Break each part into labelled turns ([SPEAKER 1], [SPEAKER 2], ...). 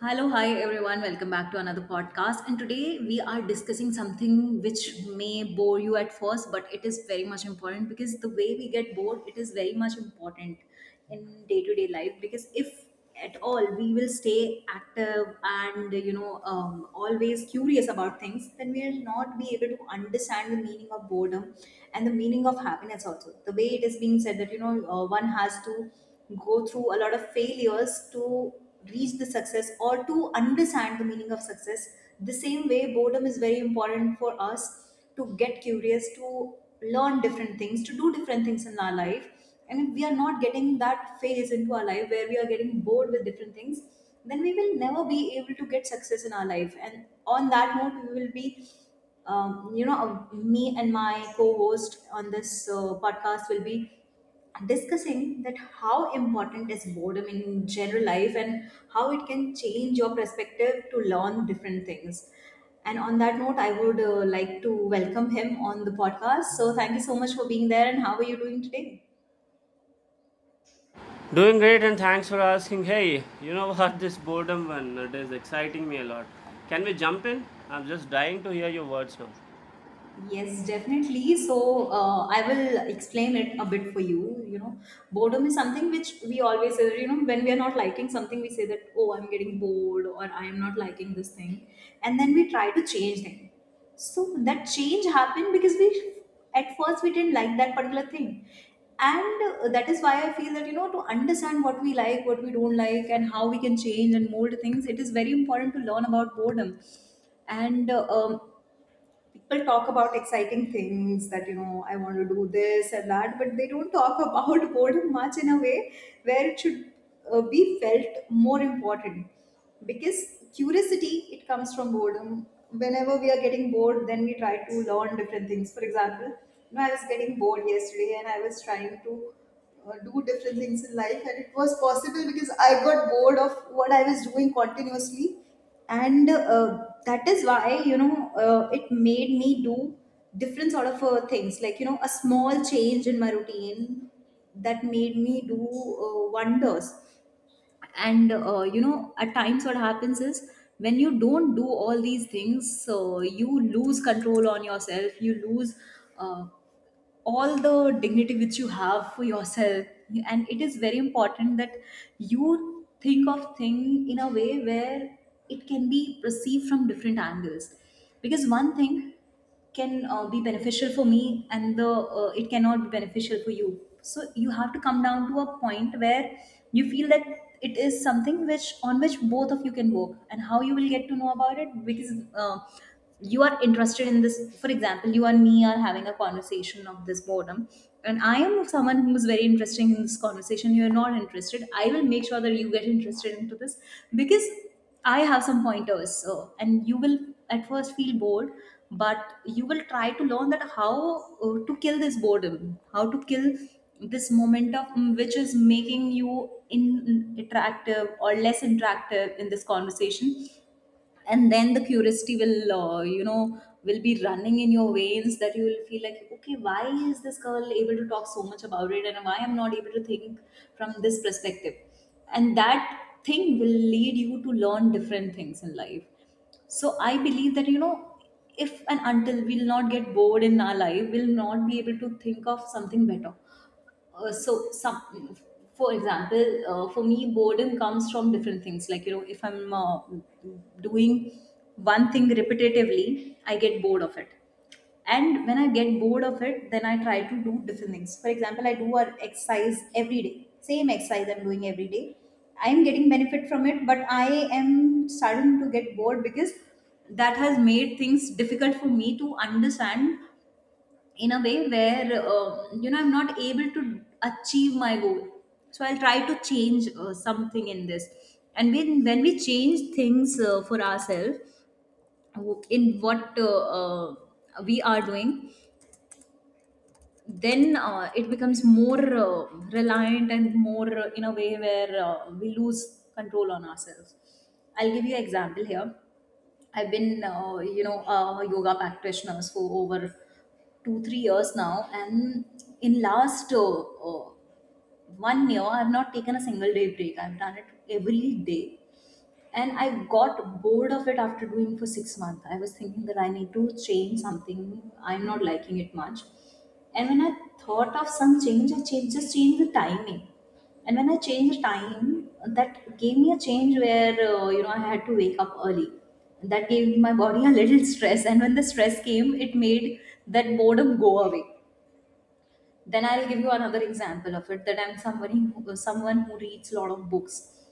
[SPEAKER 1] Hello, hi everyone. Welcome back to another podcast. And today we are discussing something which may bore you at first, but it is very much important because the way we get bored, it is very much important in day to day life. Because if at all we will stay active and always curious about things, then we will not be able to understand the meaning of boredom and the meaning of happiness also. The way it is being said that one has to go through a lot of failures to reach the success or to understand the meaning of success, the same way boredom is very important for us to get curious, to learn different things, to do different things in our life. And if we are not getting that phase into our life where we are getting bored with different things, then we will never be able to get success in our life. And on that note, we will be me and my co-host on this podcast will be discussing that how important is boredom in general life and how it can change your perspective to learn different things. And on that note, I would like to welcome him on the podcast. So thank you so much for being there, and how are you doing today?
[SPEAKER 2] Doing great and thanks for asking. Hey, you know what? This boredom one, it is exciting me a lot. Can we jump in? I'm just dying to hear your words now.
[SPEAKER 1] Yes, definitely. So I will explain it a bit for you. You know, boredom is something which we always say, you know, when we are not liking something, we say that, oh, I'm getting bored or I am not liking this thing. And then we try to change them. So that change happened because at first, we didn't like that particular thing. And that is why I feel that, you know, to understand what we like, what we don't like, and how we can change and mold things, it is very important to learn about boredom. And people talk about exciting things that you know I want to do this and that, but they don't talk about boredom much in a way where it should be felt more important, because curiosity, it comes from boredom. Whenever we are getting bored, then we try to learn different things. For example, you know, I was getting bored yesterday and I was trying to do different things in life, and it was possible because I got bored of what I was doing continuously. And that is why, you know, it made me do different sort of things, like, you know, a small change in my routine that made me do wonders. And you know, at times what happens is when you don't do all these things, so you lose control on yourself, you lose uh, all the dignity which you have for yourself. And it is very important that you think of thing in a way where it can be perceived from different angles, because one thing can be beneficial for me and the it cannot be beneficial for you. So you have to come down to a point where you feel that it is something which on which both of you can work. And how you will get to know about it, because you are interested in this. For example, you and me are having a conversation of this boredom, and I am someone who's very interested in this conversation. You're not interested, I will make sure that you get interested into this, because I have some pointers. So and you will at first feel bored, but you will try to learn that how to kill this boredom, how to kill this moment of which is making you in, attractive or less interactive in this conversation. And then the curiosity will will be running in your veins, that you will feel like, okay, why is this girl able to talk so much about it and why I'm not able to think from this perspective? And that thing will lead you to learn different things in life. So I believe that, you know, if and until we'll not get bored in our life, we'll not be able to think of something better. So some, for example, for me, boredom comes from different things. Like, you know, if I'm doing one thing repetitively, I get bored of it. And when I get bored of it, then I try to do different things. For example, I do an exercise every day. Same exercise I'm doing every day. I am getting benefit from it, but I am starting to get bored, because that has made things difficult for me to understand in a way where you know, I'm not able to achieve my goal. So I'll try to change something in this. And when we change things for ourselves, in what we are doing, then it becomes more reliant and more in a way where we lose control on ourselves. I'll give you an example here. I've been, you know, a yoga practitioner for over two, 3 years now, and in last one year, I've not taken a single day break. I've done it every day. And I got bored of it after doing for 6 months. I was thinking that I need to change something. I'm not liking it much. And when I thought of some change, I changed, just changed the timing. And when I changed the time, that gave me a change where you know, I had to wake up early. That gave my body a little stress, and when the stress came, it made that boredom go away. Then I'll give you another example of it, that I'm somebody, someone who reads a lot of books.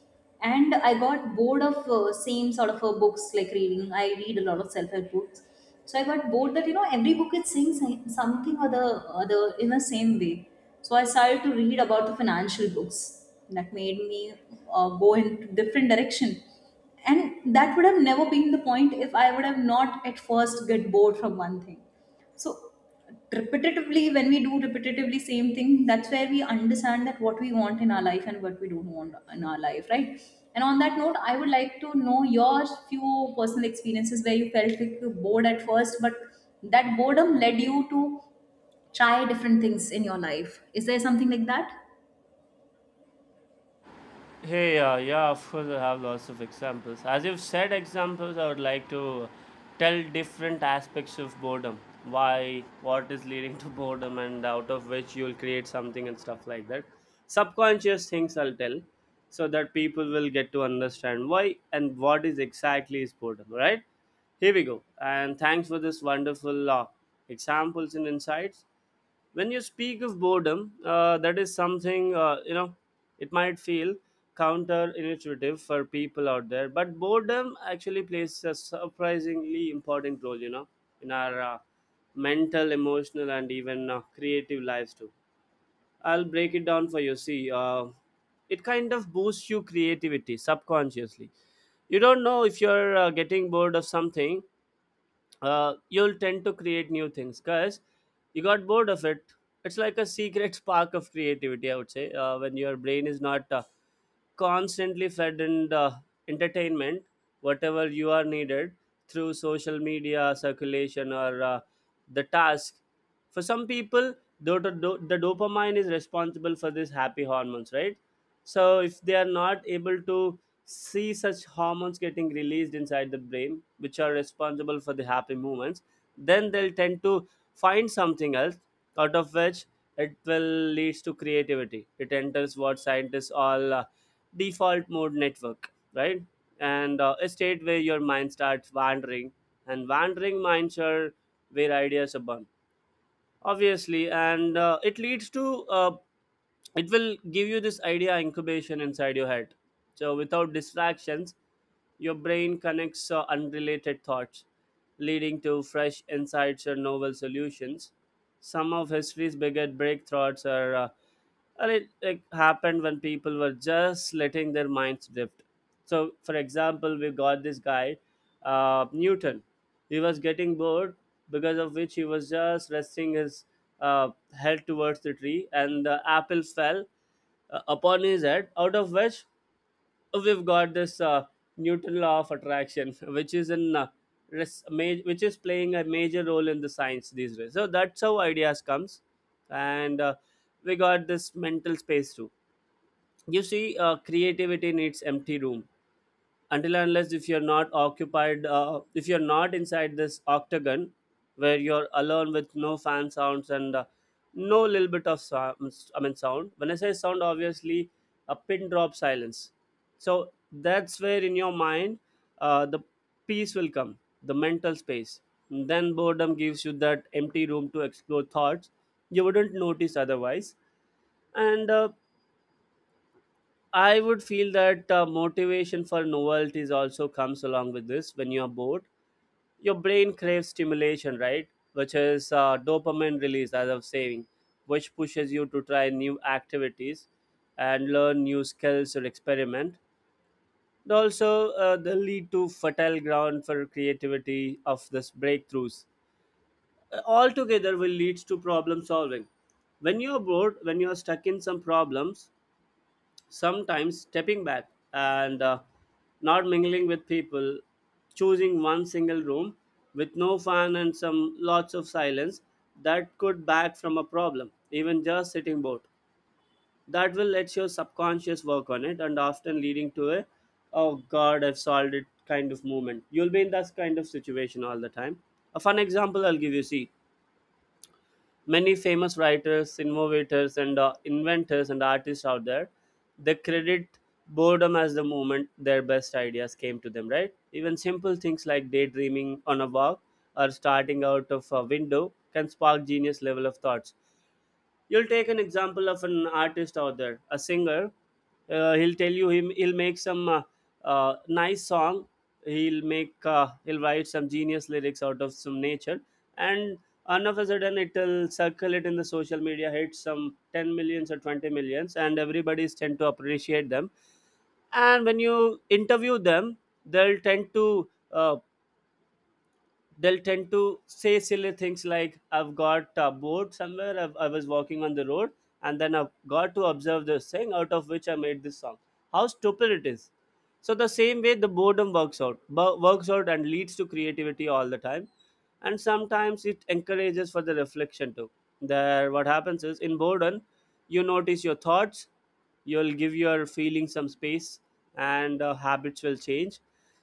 [SPEAKER 1] And I got bored of same sort of books, like reading. I read a lot of self-help books. So I got bored that, you know, every book is saying something or the other in the same way. So I started to read about the financial books, that made me go in different direction. And that would have never been the point if I would have not at first get bored from one thing. So repetitively, when we do repetitively same thing, that's where we understand that what we want in our life and what we don't want in our life, right? And on that note, I would like to know your few personal experiences where you felt like you were bored at first, but that boredom led you to try different things in your life. Is there something like that?
[SPEAKER 2] Hey, yeah, of course, I have lots of examples. As you've said, examples, I would like to tell different aspects of boredom. Why, what is leading to boredom, and out of which you'll create something and stuff like that. Subconscious things I'll tell so that people will get to understand why and what is exactly is boredom, right? Here we go. And thanks for this wonderful examples and insights. When you speak of boredom, that is something, you know, it might feel counterintuitive for people out there, but boredom actually plays a surprisingly important role, you know, in our mental, emotional, and even creative lives too. I'll break it down for you. See, it kind of boosts your creativity subconsciously. You don't know if you're getting bored of something. You'll tend to create new things because you got bored of it. It's like a secret spark of creativity, I would say, when your brain is not constantly fed in entertainment, whatever you are needed through social media, circulation, or the task. For some people, the dopamine is responsible for these happy hormones, right? So if they are not able to see such hormones getting released inside the brain, which are responsible for the happy moments, then they'll tend to find something else, out of which it will leads to creativity. It enters what scientists all default mode network, right. And a state where your mind starts wandering, and wandering minds are where ideas are born, obviously. And it leads to it will give you this idea incubation inside your head. So without distractions, your brain connects unrelated thoughts, leading to fresh insights or novel solutions. Some of history's biggest breakthroughs are and it like happened when people were just letting their minds drift. So for example, we got this guy, Newton. He was getting bored, because of which he was just resting his uh, head towards the tree, and the apple fell upon his head, out of which we've got this Newton law of attraction, which is in which is playing a major role in the science these days. So that's how ideas comes. And we got this mental space too. You see, creativity needs empty room. Until and unless if you're not occupied, if you're not inside this octagon where you're alone with no fan sounds and no little bit of sounds, I mean sound, when I say sound, obviously a pin drop silence. So that's where in your mind, the peace will come, the mental space. Then boredom gives you that empty room to explore thoughts you wouldn't notice otherwise. And I would feel that motivation for novelties also comes along with this when you are bored. Your brain craves stimulation, right, which is dopamine release, as I was saying, which pushes you to try new activities and learn new skills or experiment. And also, they lead to fertile ground for creativity of this breakthroughs. All together will leads to problem solving. When you're bored, when you're stuck in some problems, sometimes stepping back and not mingling with people, choosing one single room with no fan and some lots of silence, that could back from a problem. Even just sitting bored, that will let your subconscious work on it, and often leading to a, oh god, I've solved it kind of moment. You'll be in that kind of situation all the time. A fun example I'll give you. See, many famous writers, innovators, and inventors and artists out there, they credit boredom as the moment their best ideas came to them, right? Even simple things like daydreaming on a walk or starting out of a window can spark genius level of thoughts. You'll take an example of an artist out there, a singer. He'll tell you him he'll make some nice song. He'll write some genius lyrics out of some nature, and all of a sudden it'll circulate in the social media, hit some 10 million or twenty millions, and everybody's tend to appreciate them. And when you interview them, they'll tend to uh, they'll tend to say silly things like, I've got a board somewhere. I was walking on the road, and then I've got to observe this thing, out of which I made this song. How stupid it is. So the same way the boredom works out and leads to creativity all the time. And sometimes it encourages for the reflection too. There what happens is, in boredom you notice your thoughts, you'll give your feelings some space, and habits will change.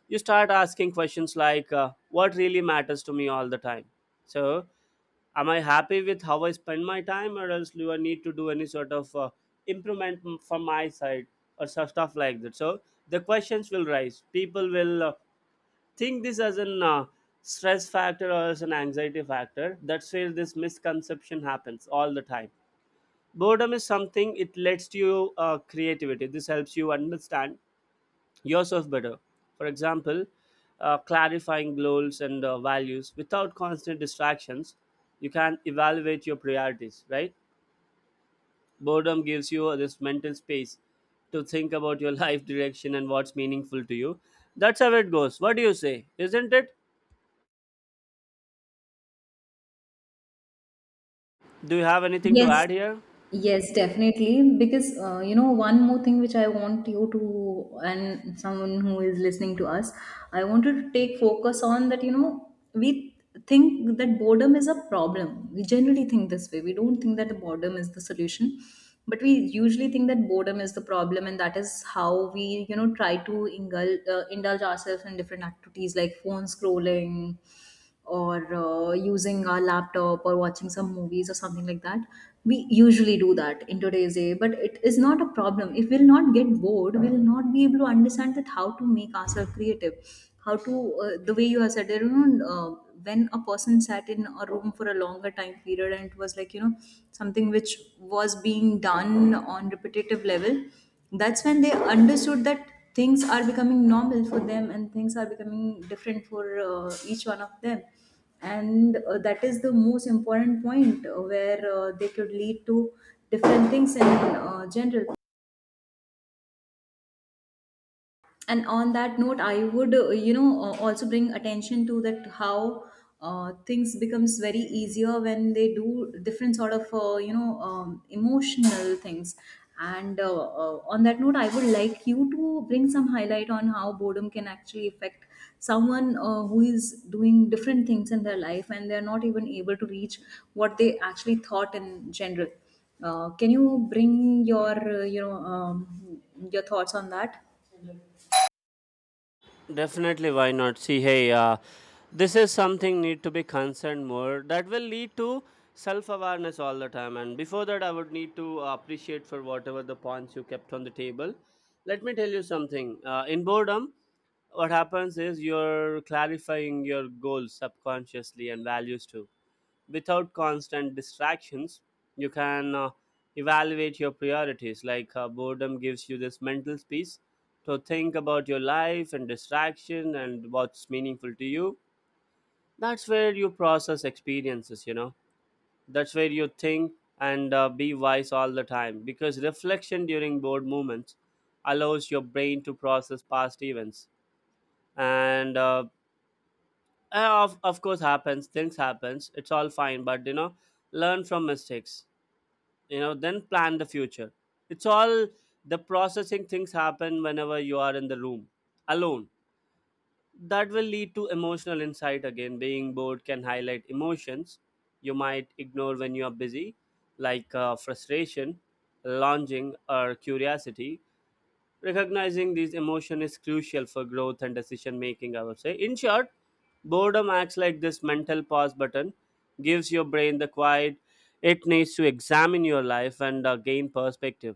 [SPEAKER 2] You start asking questions like, what really matters to me all the time, so am I happy with how I spend my time, or else do I need to do any sort of improvement from my side, stuff like that. So the questions will rise. People will think this as an stress factor or as an anxiety factor. That's where this misconception happens all the time. Boredom is something, it lets you creativity, this helps you understand yourself better. For example, clarifying goals and values without constant distractions, you can evaluate your priorities, right? Boredom gives you this mental space to think about your life direction and what's meaningful to you. That's how it goes. What do you say? Isn't it? Do you have anything to
[SPEAKER 1] Yes,
[SPEAKER 2] add here?
[SPEAKER 1] yes, definitely. Because you know, one more thing which I want you to and someone who is listening to us, I wanted to take focus on that. You know, we think that boredom is a problem. We generally think this way. We don't think that boredom is the solution, but we usually think that boredom is the problem. And that is how we, you know, try to indulge, indulge ourselves in different activities, like phone scrolling or using our laptop or watching some movies or something like that. We usually do that in today's day, but it is not a problem. If we'll not get bored, we'll not be able to understand that how to make ourselves creative, how to the way you have said, there, you know, when a person sat in a room for a longer time period, and it was like, you know, something which was being done on repetitive level, that's when they understood that things are becoming normal for them and things are becoming different for each one of them. And that is the most important point where they could lead to different things in general. And on that note, I would also bring attention to that how things becomes very easier when they do different sort of emotional things. And on that note, I would like you to bring some highlight on how boredom can actually affect someone who is doing different things in their life and they're not even able to reach what they actually thought in general. Can you bring your uh, you know um, your thoughts on that?
[SPEAKER 2] Definitely, why not? See, hey, this is something need to be concerned more. That will lead to self-awareness all the time. And before that, I would need to appreciate for whatever the points you kept on the table. Let me tell you something. In boredom, what happens is, you're clarifying your goals subconsciously and values too, without constant distractions, you can evaluate your priorities. Like, boredom gives you this mental space to think about your life and distraction and what's meaningful to you. That's where you process experiences, you know, that's where you think, and be wise all the time, because reflection during bored moments allows your brain to process past events. And of course happens, things happens, it's all fine, but you know, learn from mistakes, you know, then plan the future. It's all the processing things happen whenever you are in the room alone. That will lead to emotional insight. Again, being bored can highlight emotions you might ignore when you are busy, like frustration, longing, or curiosity. Recognizing these emotion is crucial for growth and decision making, I would say. In short, boredom acts like this mental pause button, gives your brain the quiet it needs to examine your life and gain perspective.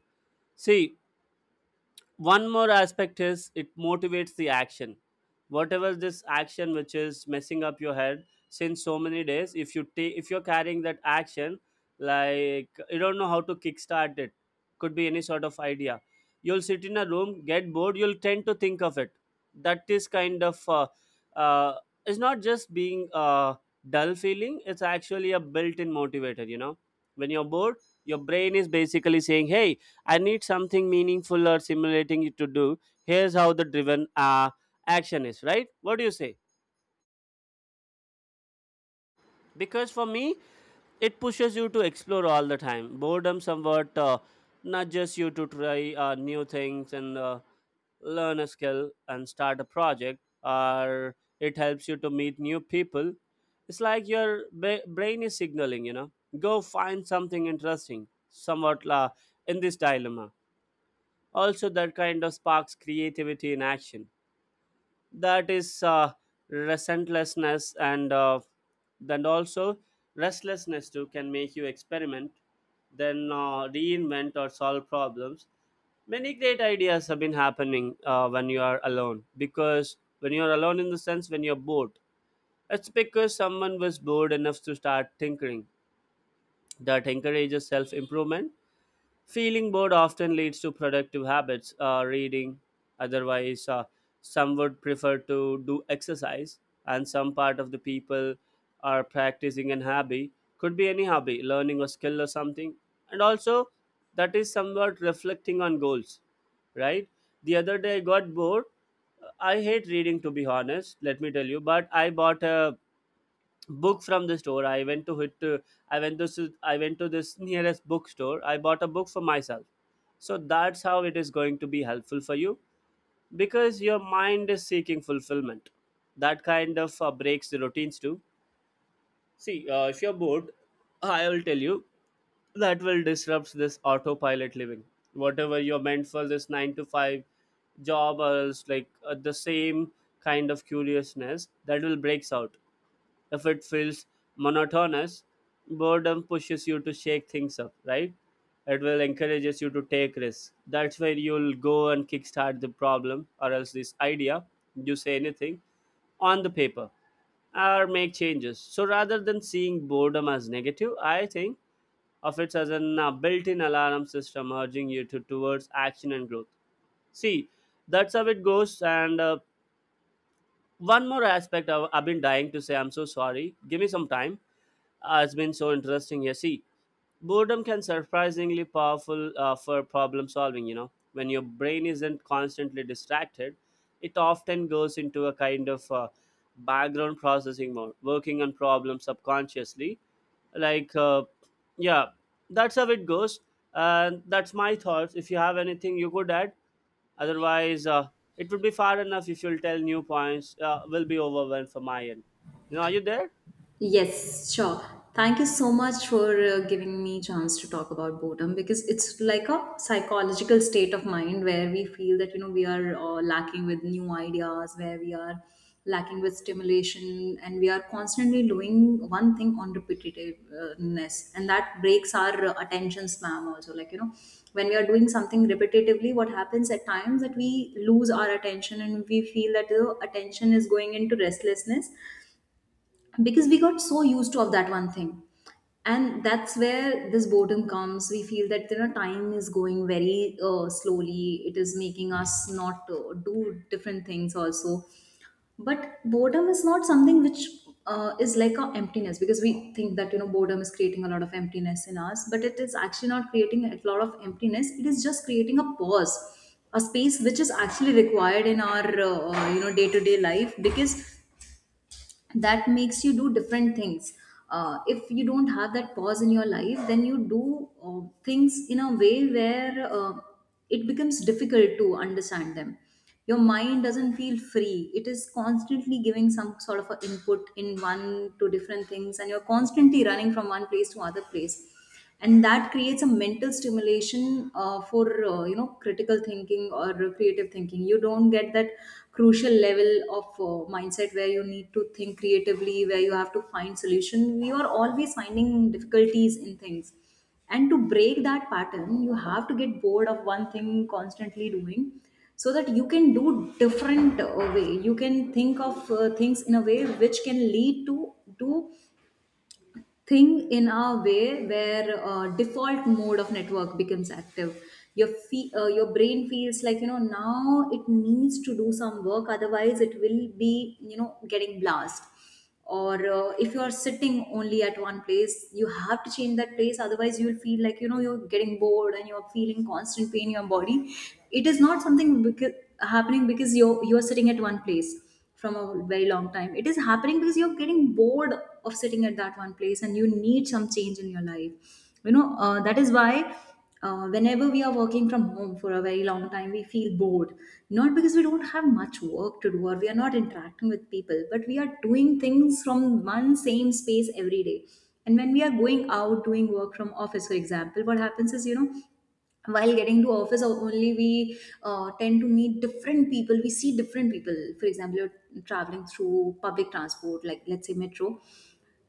[SPEAKER 2] See, one more aspect is, it motivates the action. Whatever this action which is messing up your head since so many days, if you're carrying that action, like you don't know how to kickstart it, could be any sort of idea, you'll sit in a room, get bored, you'll tend to think of it. That is kind of uh, it's not just being a dull feeling, it's actually a built-in motivator, you know. When you're bored, your brain is basically saying, hey, I need something meaningful or stimulating to do. Here's how the driven action is, right? What do you say? Because for me, it pushes you to explore all the time. Boredom somewhat nudges you to try new things and learn a skill and start a project, or it helps you to meet new people. It's like your brain is signaling, you know, go find something interesting, somewhat in this dilemma, also that kind of sparks creativity in action, that is relentlessness, and then also restlessness too can make you experiment, then reinvent or solve problems. Many great ideas have been happening when you are alone, because when you are alone, in the sense, when you're bored, it's because someone was bored enough to start tinkering. That encourages self improvement. Feeling bored often leads to productive habits, reading. Otherwise, some would prefer to do exercise, and some part of the people are practicing an hobby. Could be any hobby, learning a skill or something. And also, that is somewhat reflecting on goals, right? The other day I got bored. I hate reading, to be honest, let me tell you, but I bought a book from the store. I went to this nearest bookstore, I bought a book for myself. So that's how it is going to be helpful for you, because your mind is seeking fulfillment. That kind of breaks the routines too. See, if you're bored, I will tell you, that will disrupt this autopilot living, whatever you're meant for, this 9 to 5 job, or else like the same kind of curiousness that will breaks out. If it feels monotonous, boredom pushes you to shake things up, right? It will encourages you to take risks. That's where you'll go and kickstart the problem or else this idea, you say anything on the paper or make changes. So rather than seeing boredom as negative, I think of it as an built-in alarm system urging you to towards action and growth. See, that's how it goes. And one more aspect I've been dying to say. I'm so sorry. Give me some time. It's been so interesting. Yeah, see, boredom can surprisingly powerful for problem solving. You know, when your brain isn't constantly distracted, it often goes into a kind of background processing mode, working on problems subconsciously. Like, yeah, that's how it goes. And that's my thoughts. If you have anything you could add, otherwise, it would be far enough if you'll tell new points. Will be overwhelmed for my end. You know, are you there?
[SPEAKER 1] Yes, sure. Thank you so much for giving me chance to talk about boredom, because it's like a psychological state of mind where we feel that, you know, we are lacking with new ideas, where we are lacking with stimulation, and we are constantly doing one thing on repetitiveness, and that breaks our attention span also. Like you know, when we are doing something repetitively, what happens at times that we lose our attention and we feel that the attention is going into restlessness because we got so used to of that one thing, and that's where this boredom comes. We feel that you know time is going very slowly, it is making us not do different things also. But boredom is not something which is like a emptiness, because we think that you know boredom is creating a lot of emptiness in us, but it is actually not creating a lot of emptiness, it is just creating a pause, a space which is actually required in our you know day to day life, because that makes you do different things. If you don't have that pause in your life, then you do things in a way where it becomes difficult to understand them. Your mind doesn't feel free, it is constantly giving some sort of a input in one to different things and you're constantly running from one place to other place, and that creates a mental stimulation for you know critical thinking or creative thinking. You don't get that crucial level of mindset where you need to think creatively, where you have to find solution. You are always finding difficulties in things, and to break that pattern you have to get bored of one thing constantly doing, so that you can do different way, you can think of things in a way which can lead to do thing in a way where default mode of network becomes active. Your your brain feels like you know now it needs to do some work, otherwise it will be you know getting blast. Or if you are sitting only at one place, you have to change that place, otherwise you'll feel like you know you're getting bored and you're feeling constant pain in your body. It is not something because, happening because you're sitting at one place from a very long time. It is happening because you're getting bored of sitting at that one place and you need some change in your life. You know, that is why whenever we are working from home for a very long time, we feel bored. Not because we don't have much work to do or we are not interacting with people, but we are doing things from one same space every day. And when we are going out doing work from office, for example, what happens is, you know, while getting to office only we tend to meet different people, we see different people. For example, you're traveling through public transport, like let's say metro,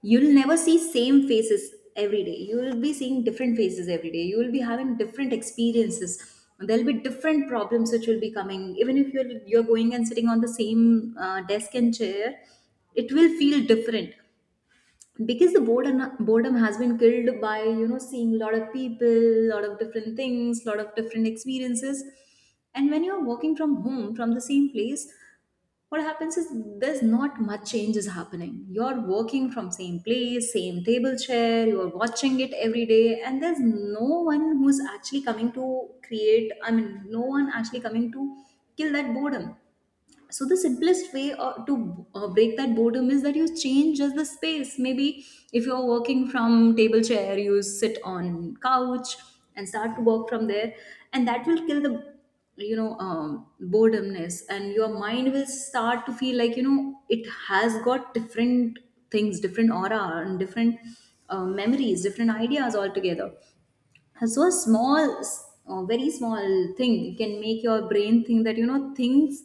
[SPEAKER 1] you'll never see same faces every day, you will be seeing different faces every day, you will be having different experiences, there'll be different problems which will be coming. Even if you're going and sitting on the same desk and chair, it will feel different, because the boredom has been killed by you know seeing a lot of people, a lot of different things, a lot of different experiences. And when you're working from home from the same place, what happens is there's not much change is happening. You're working from same place, same table chair, you're watching it every day, and there's no one who's actually coming to create, I mean no one actually coming to kill that boredom. So the simplest way to break that boredom is that you change just the space. Maybe if you're working from table chair, you sit on couch and start to work from there, and that will kill the you know boredomness, and your mind will start to feel like you know it has got different things, different aura, and different memories, different ideas altogether. So a very small thing can make your brain think that you know things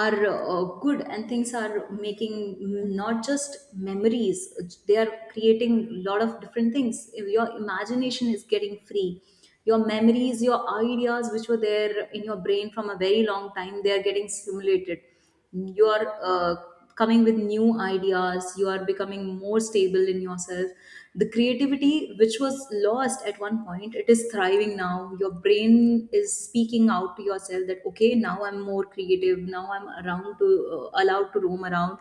[SPEAKER 1] are good, and things are making not just memories, they are creating a lot of different things. Your imagination is getting free, your memories, your ideas which were there in your brain from a very long time, they are getting stimulated. You are uh, coming with new ideas, you are becoming more stable in yourself. The creativity which was lost at one point, it is thriving now. Your brain is speaking out to yourself that okay, now I'm more creative, now I'm around to allowed to roam around,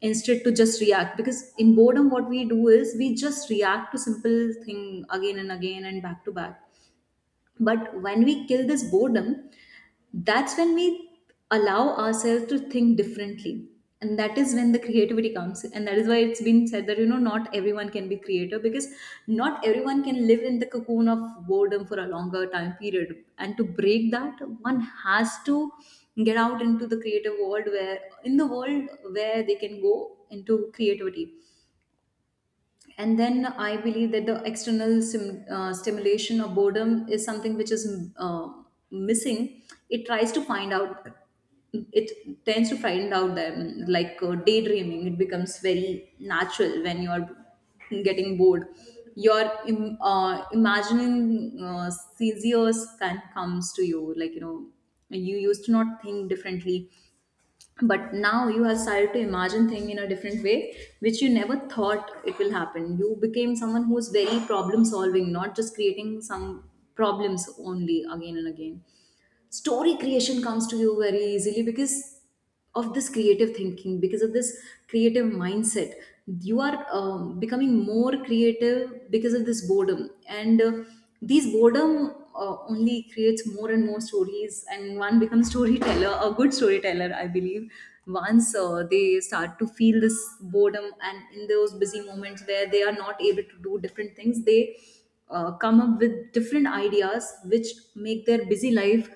[SPEAKER 1] instead to just react, because in boredom what we do is we just react to simple thing again and again and back to back. But when we kill this boredom, that's when we allow ourselves to think differently. And that is when the creativity comes. And that is why it's been said that, you know, not everyone can be creative, because not everyone can live in the cocoon of boredom for a longer time period. And to break that, one has to get out into the creative world, where in the world where they can go into creativity. And then I believe that the external stimulation of boredom is something which is uh, missing. It tries to find out, it tends to find out them like daydreaming. It becomes very natural when you are getting bored, your imagining scenarios can comes to you, like you know you used to not think differently, but now you have started to imagine thing in a different way which you never thought it will happen. You became someone who's very problem solving, not just creating some problems only again and again. Story creation comes to you very easily because of this creative thinking, because of this creative mindset. You are becoming more creative because of this boredom, and these boredom only creates more and more stories, and one becomes storyteller, a good storyteller, I believe, once they start to feel this boredom. And in those busy moments where they are not able to do different things, they come up with different ideas which make their busy life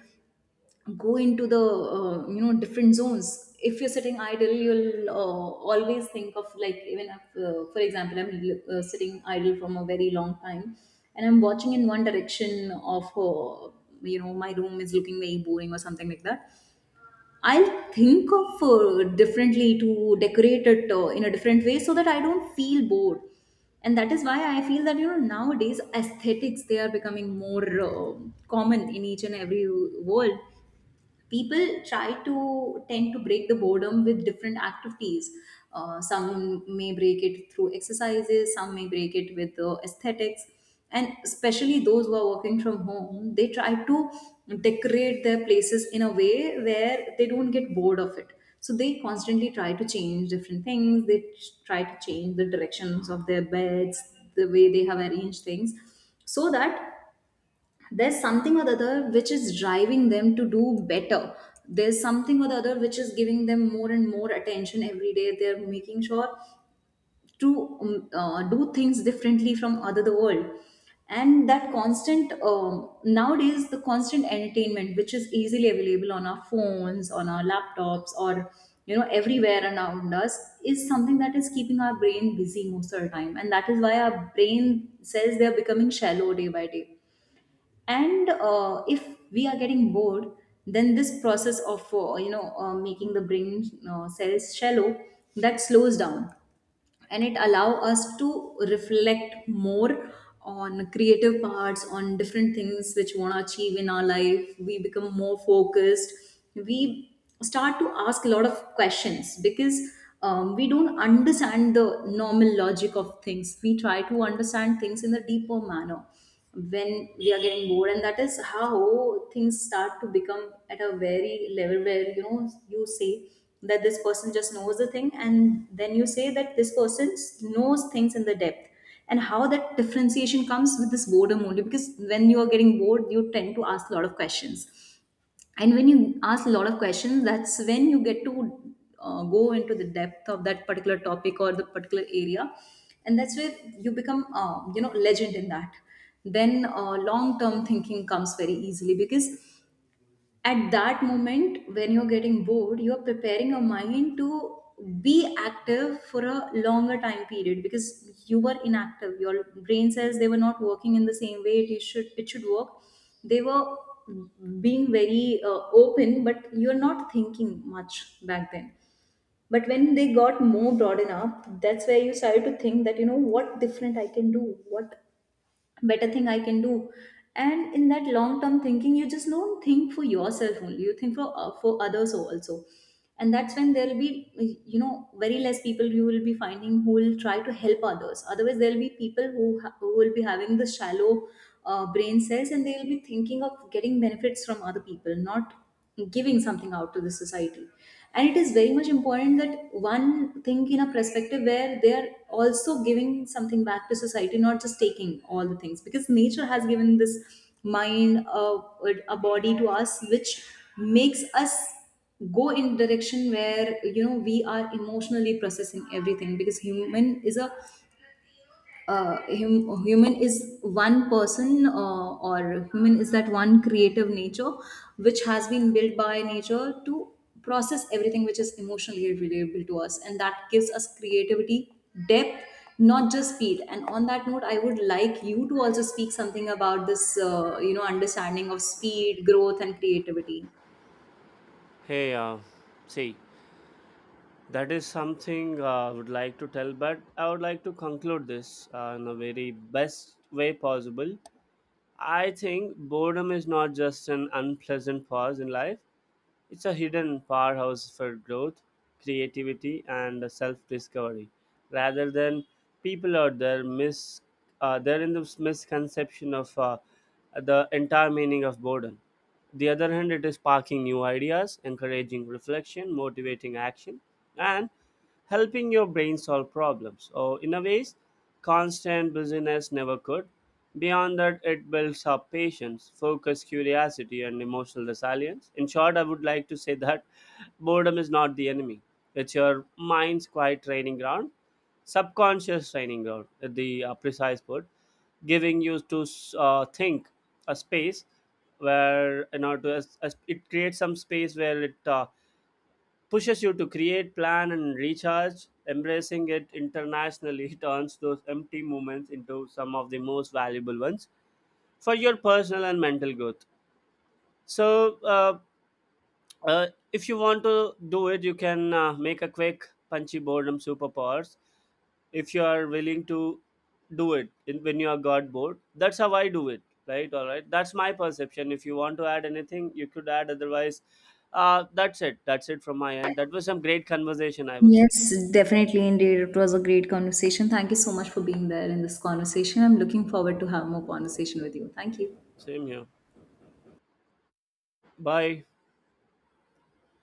[SPEAKER 1] go into the you know different zones. If you're sitting idle, you'll always think of, like even if, for example, I'm sitting idle from a very long time and I'm watching in one direction of you know, my room is looking very boring or something like that, I'll think of differently to decorate it in a different way so that I don't feel bored. And that is why I feel that you know nowadays aesthetics, they are becoming more common in each and every world. People try to tend to break the boredom with different activities. Some may break it through exercises, some may break it with aesthetics, and especially those who are working from home, they try to decorate their places in a way where they don't get bored of it. So they constantly try to change different things, they try to change the directions of their beds, the way they have arranged things, so that there's something or the other which is driving them to do better, there's something or the other which is giving them more and more attention every day. They're making sure to do things differently from other the world. And that constant nowadays the constant entertainment which is easily available on our phones, on our laptops, or you know everywhere around us, is something that is keeping our brain busy most of the time, and that is why our brain cells, they are becoming shallow day by day. And if we are getting bored, then this process of you know making the brain cells shallow, that slows down, and it allow us to reflect more on creative parts, on different things which we want to achieve in our life. We become more focused, we start to ask a lot of questions, because we don't understand the normal logic of things, we try to understand things in a deeper manner when we are getting bored. And that is how things start to become at a very level where you know you say that this person just knows the thing, and then you say that this person knows things in the depth. And how that differentiation comes with this boredom only, because when you are getting bored you tend to ask a lot of questions, and when you ask a lot of questions, that's when you get to go into the depth of that particular topic or the particular area. And that's where you become you know legend in that. Then long term thinking comes very easily, because at that moment when you're getting bored, you're preparing your mind to be active for a longer time period, because you were inactive, your brain cells, they were not working in the same way it should work. They were being very open, but you're not thinking much back then. But when they got more broadened up, that's where you started to think that you know what different I can do, what better thing I can do. And in that long term thinking, you just don't think for yourself only, you think for others also. And that's when there will be, you know, very less people you will be finding who will try to help others. Otherwise, there will be people who, who will be having the shallow brain cells, and they will be thinking of getting benefits from other people, not giving something out to the society. And it is very much important that one think in a perspective where they are also giving something back to society, not just taking all the things, because nature has given this mind a body to us which makes us go in direction where you know we are emotionally processing everything, because human is one person, or human is that one creative nature which has been built by nature to process everything which is emotionally relatable to us, and that gives us creativity, depth, not just speed. And on that note, I would like you to also speak something about this you know understanding of speed, growth, and creativity.
[SPEAKER 2] Hey, see. That is something, I would like to tell, but I would like to conclude this in a very best way possible. I think boredom is not just an unpleasant pause in life, it's a hidden powerhouse for growth, creativity, and self discovery. Rather than people out there mis they're in this misconception of the entire meaning of boredom. The other hand, it is sparking new ideas, encouraging reflection, motivating action, and helping your brain solve problems. Or in a ways, constant busyness never could. Beyond that, it builds up patience, focus, curiosity, and emotional resilience. In short, I would like to say that boredom is not the enemy. It's your mind's quiet training ground, subconscious training ground, at the precise word, giving you to think a space where you know to, as it creates some space where it pushes you to create, plan, and recharge. Embracing it internationally turns those empty moments into some of the most valuable ones for your personal and mental growth. So, uh, if you want to do it, you can make a quick punchy boredom superpowers. If you are willing to do it in, when you are got bored, that's how I do it. Right, all right. That's my perception. If you want to add anything, you could add. Otherwise, that's it. That's it from my end. That was some great conversation. I would say.
[SPEAKER 1] Yes, definitely, indeed it was a great conversation. Thank you so much for being there in this conversation. I'm looking forward to have more conversation with you. Thank you.
[SPEAKER 2] Same here. Bye.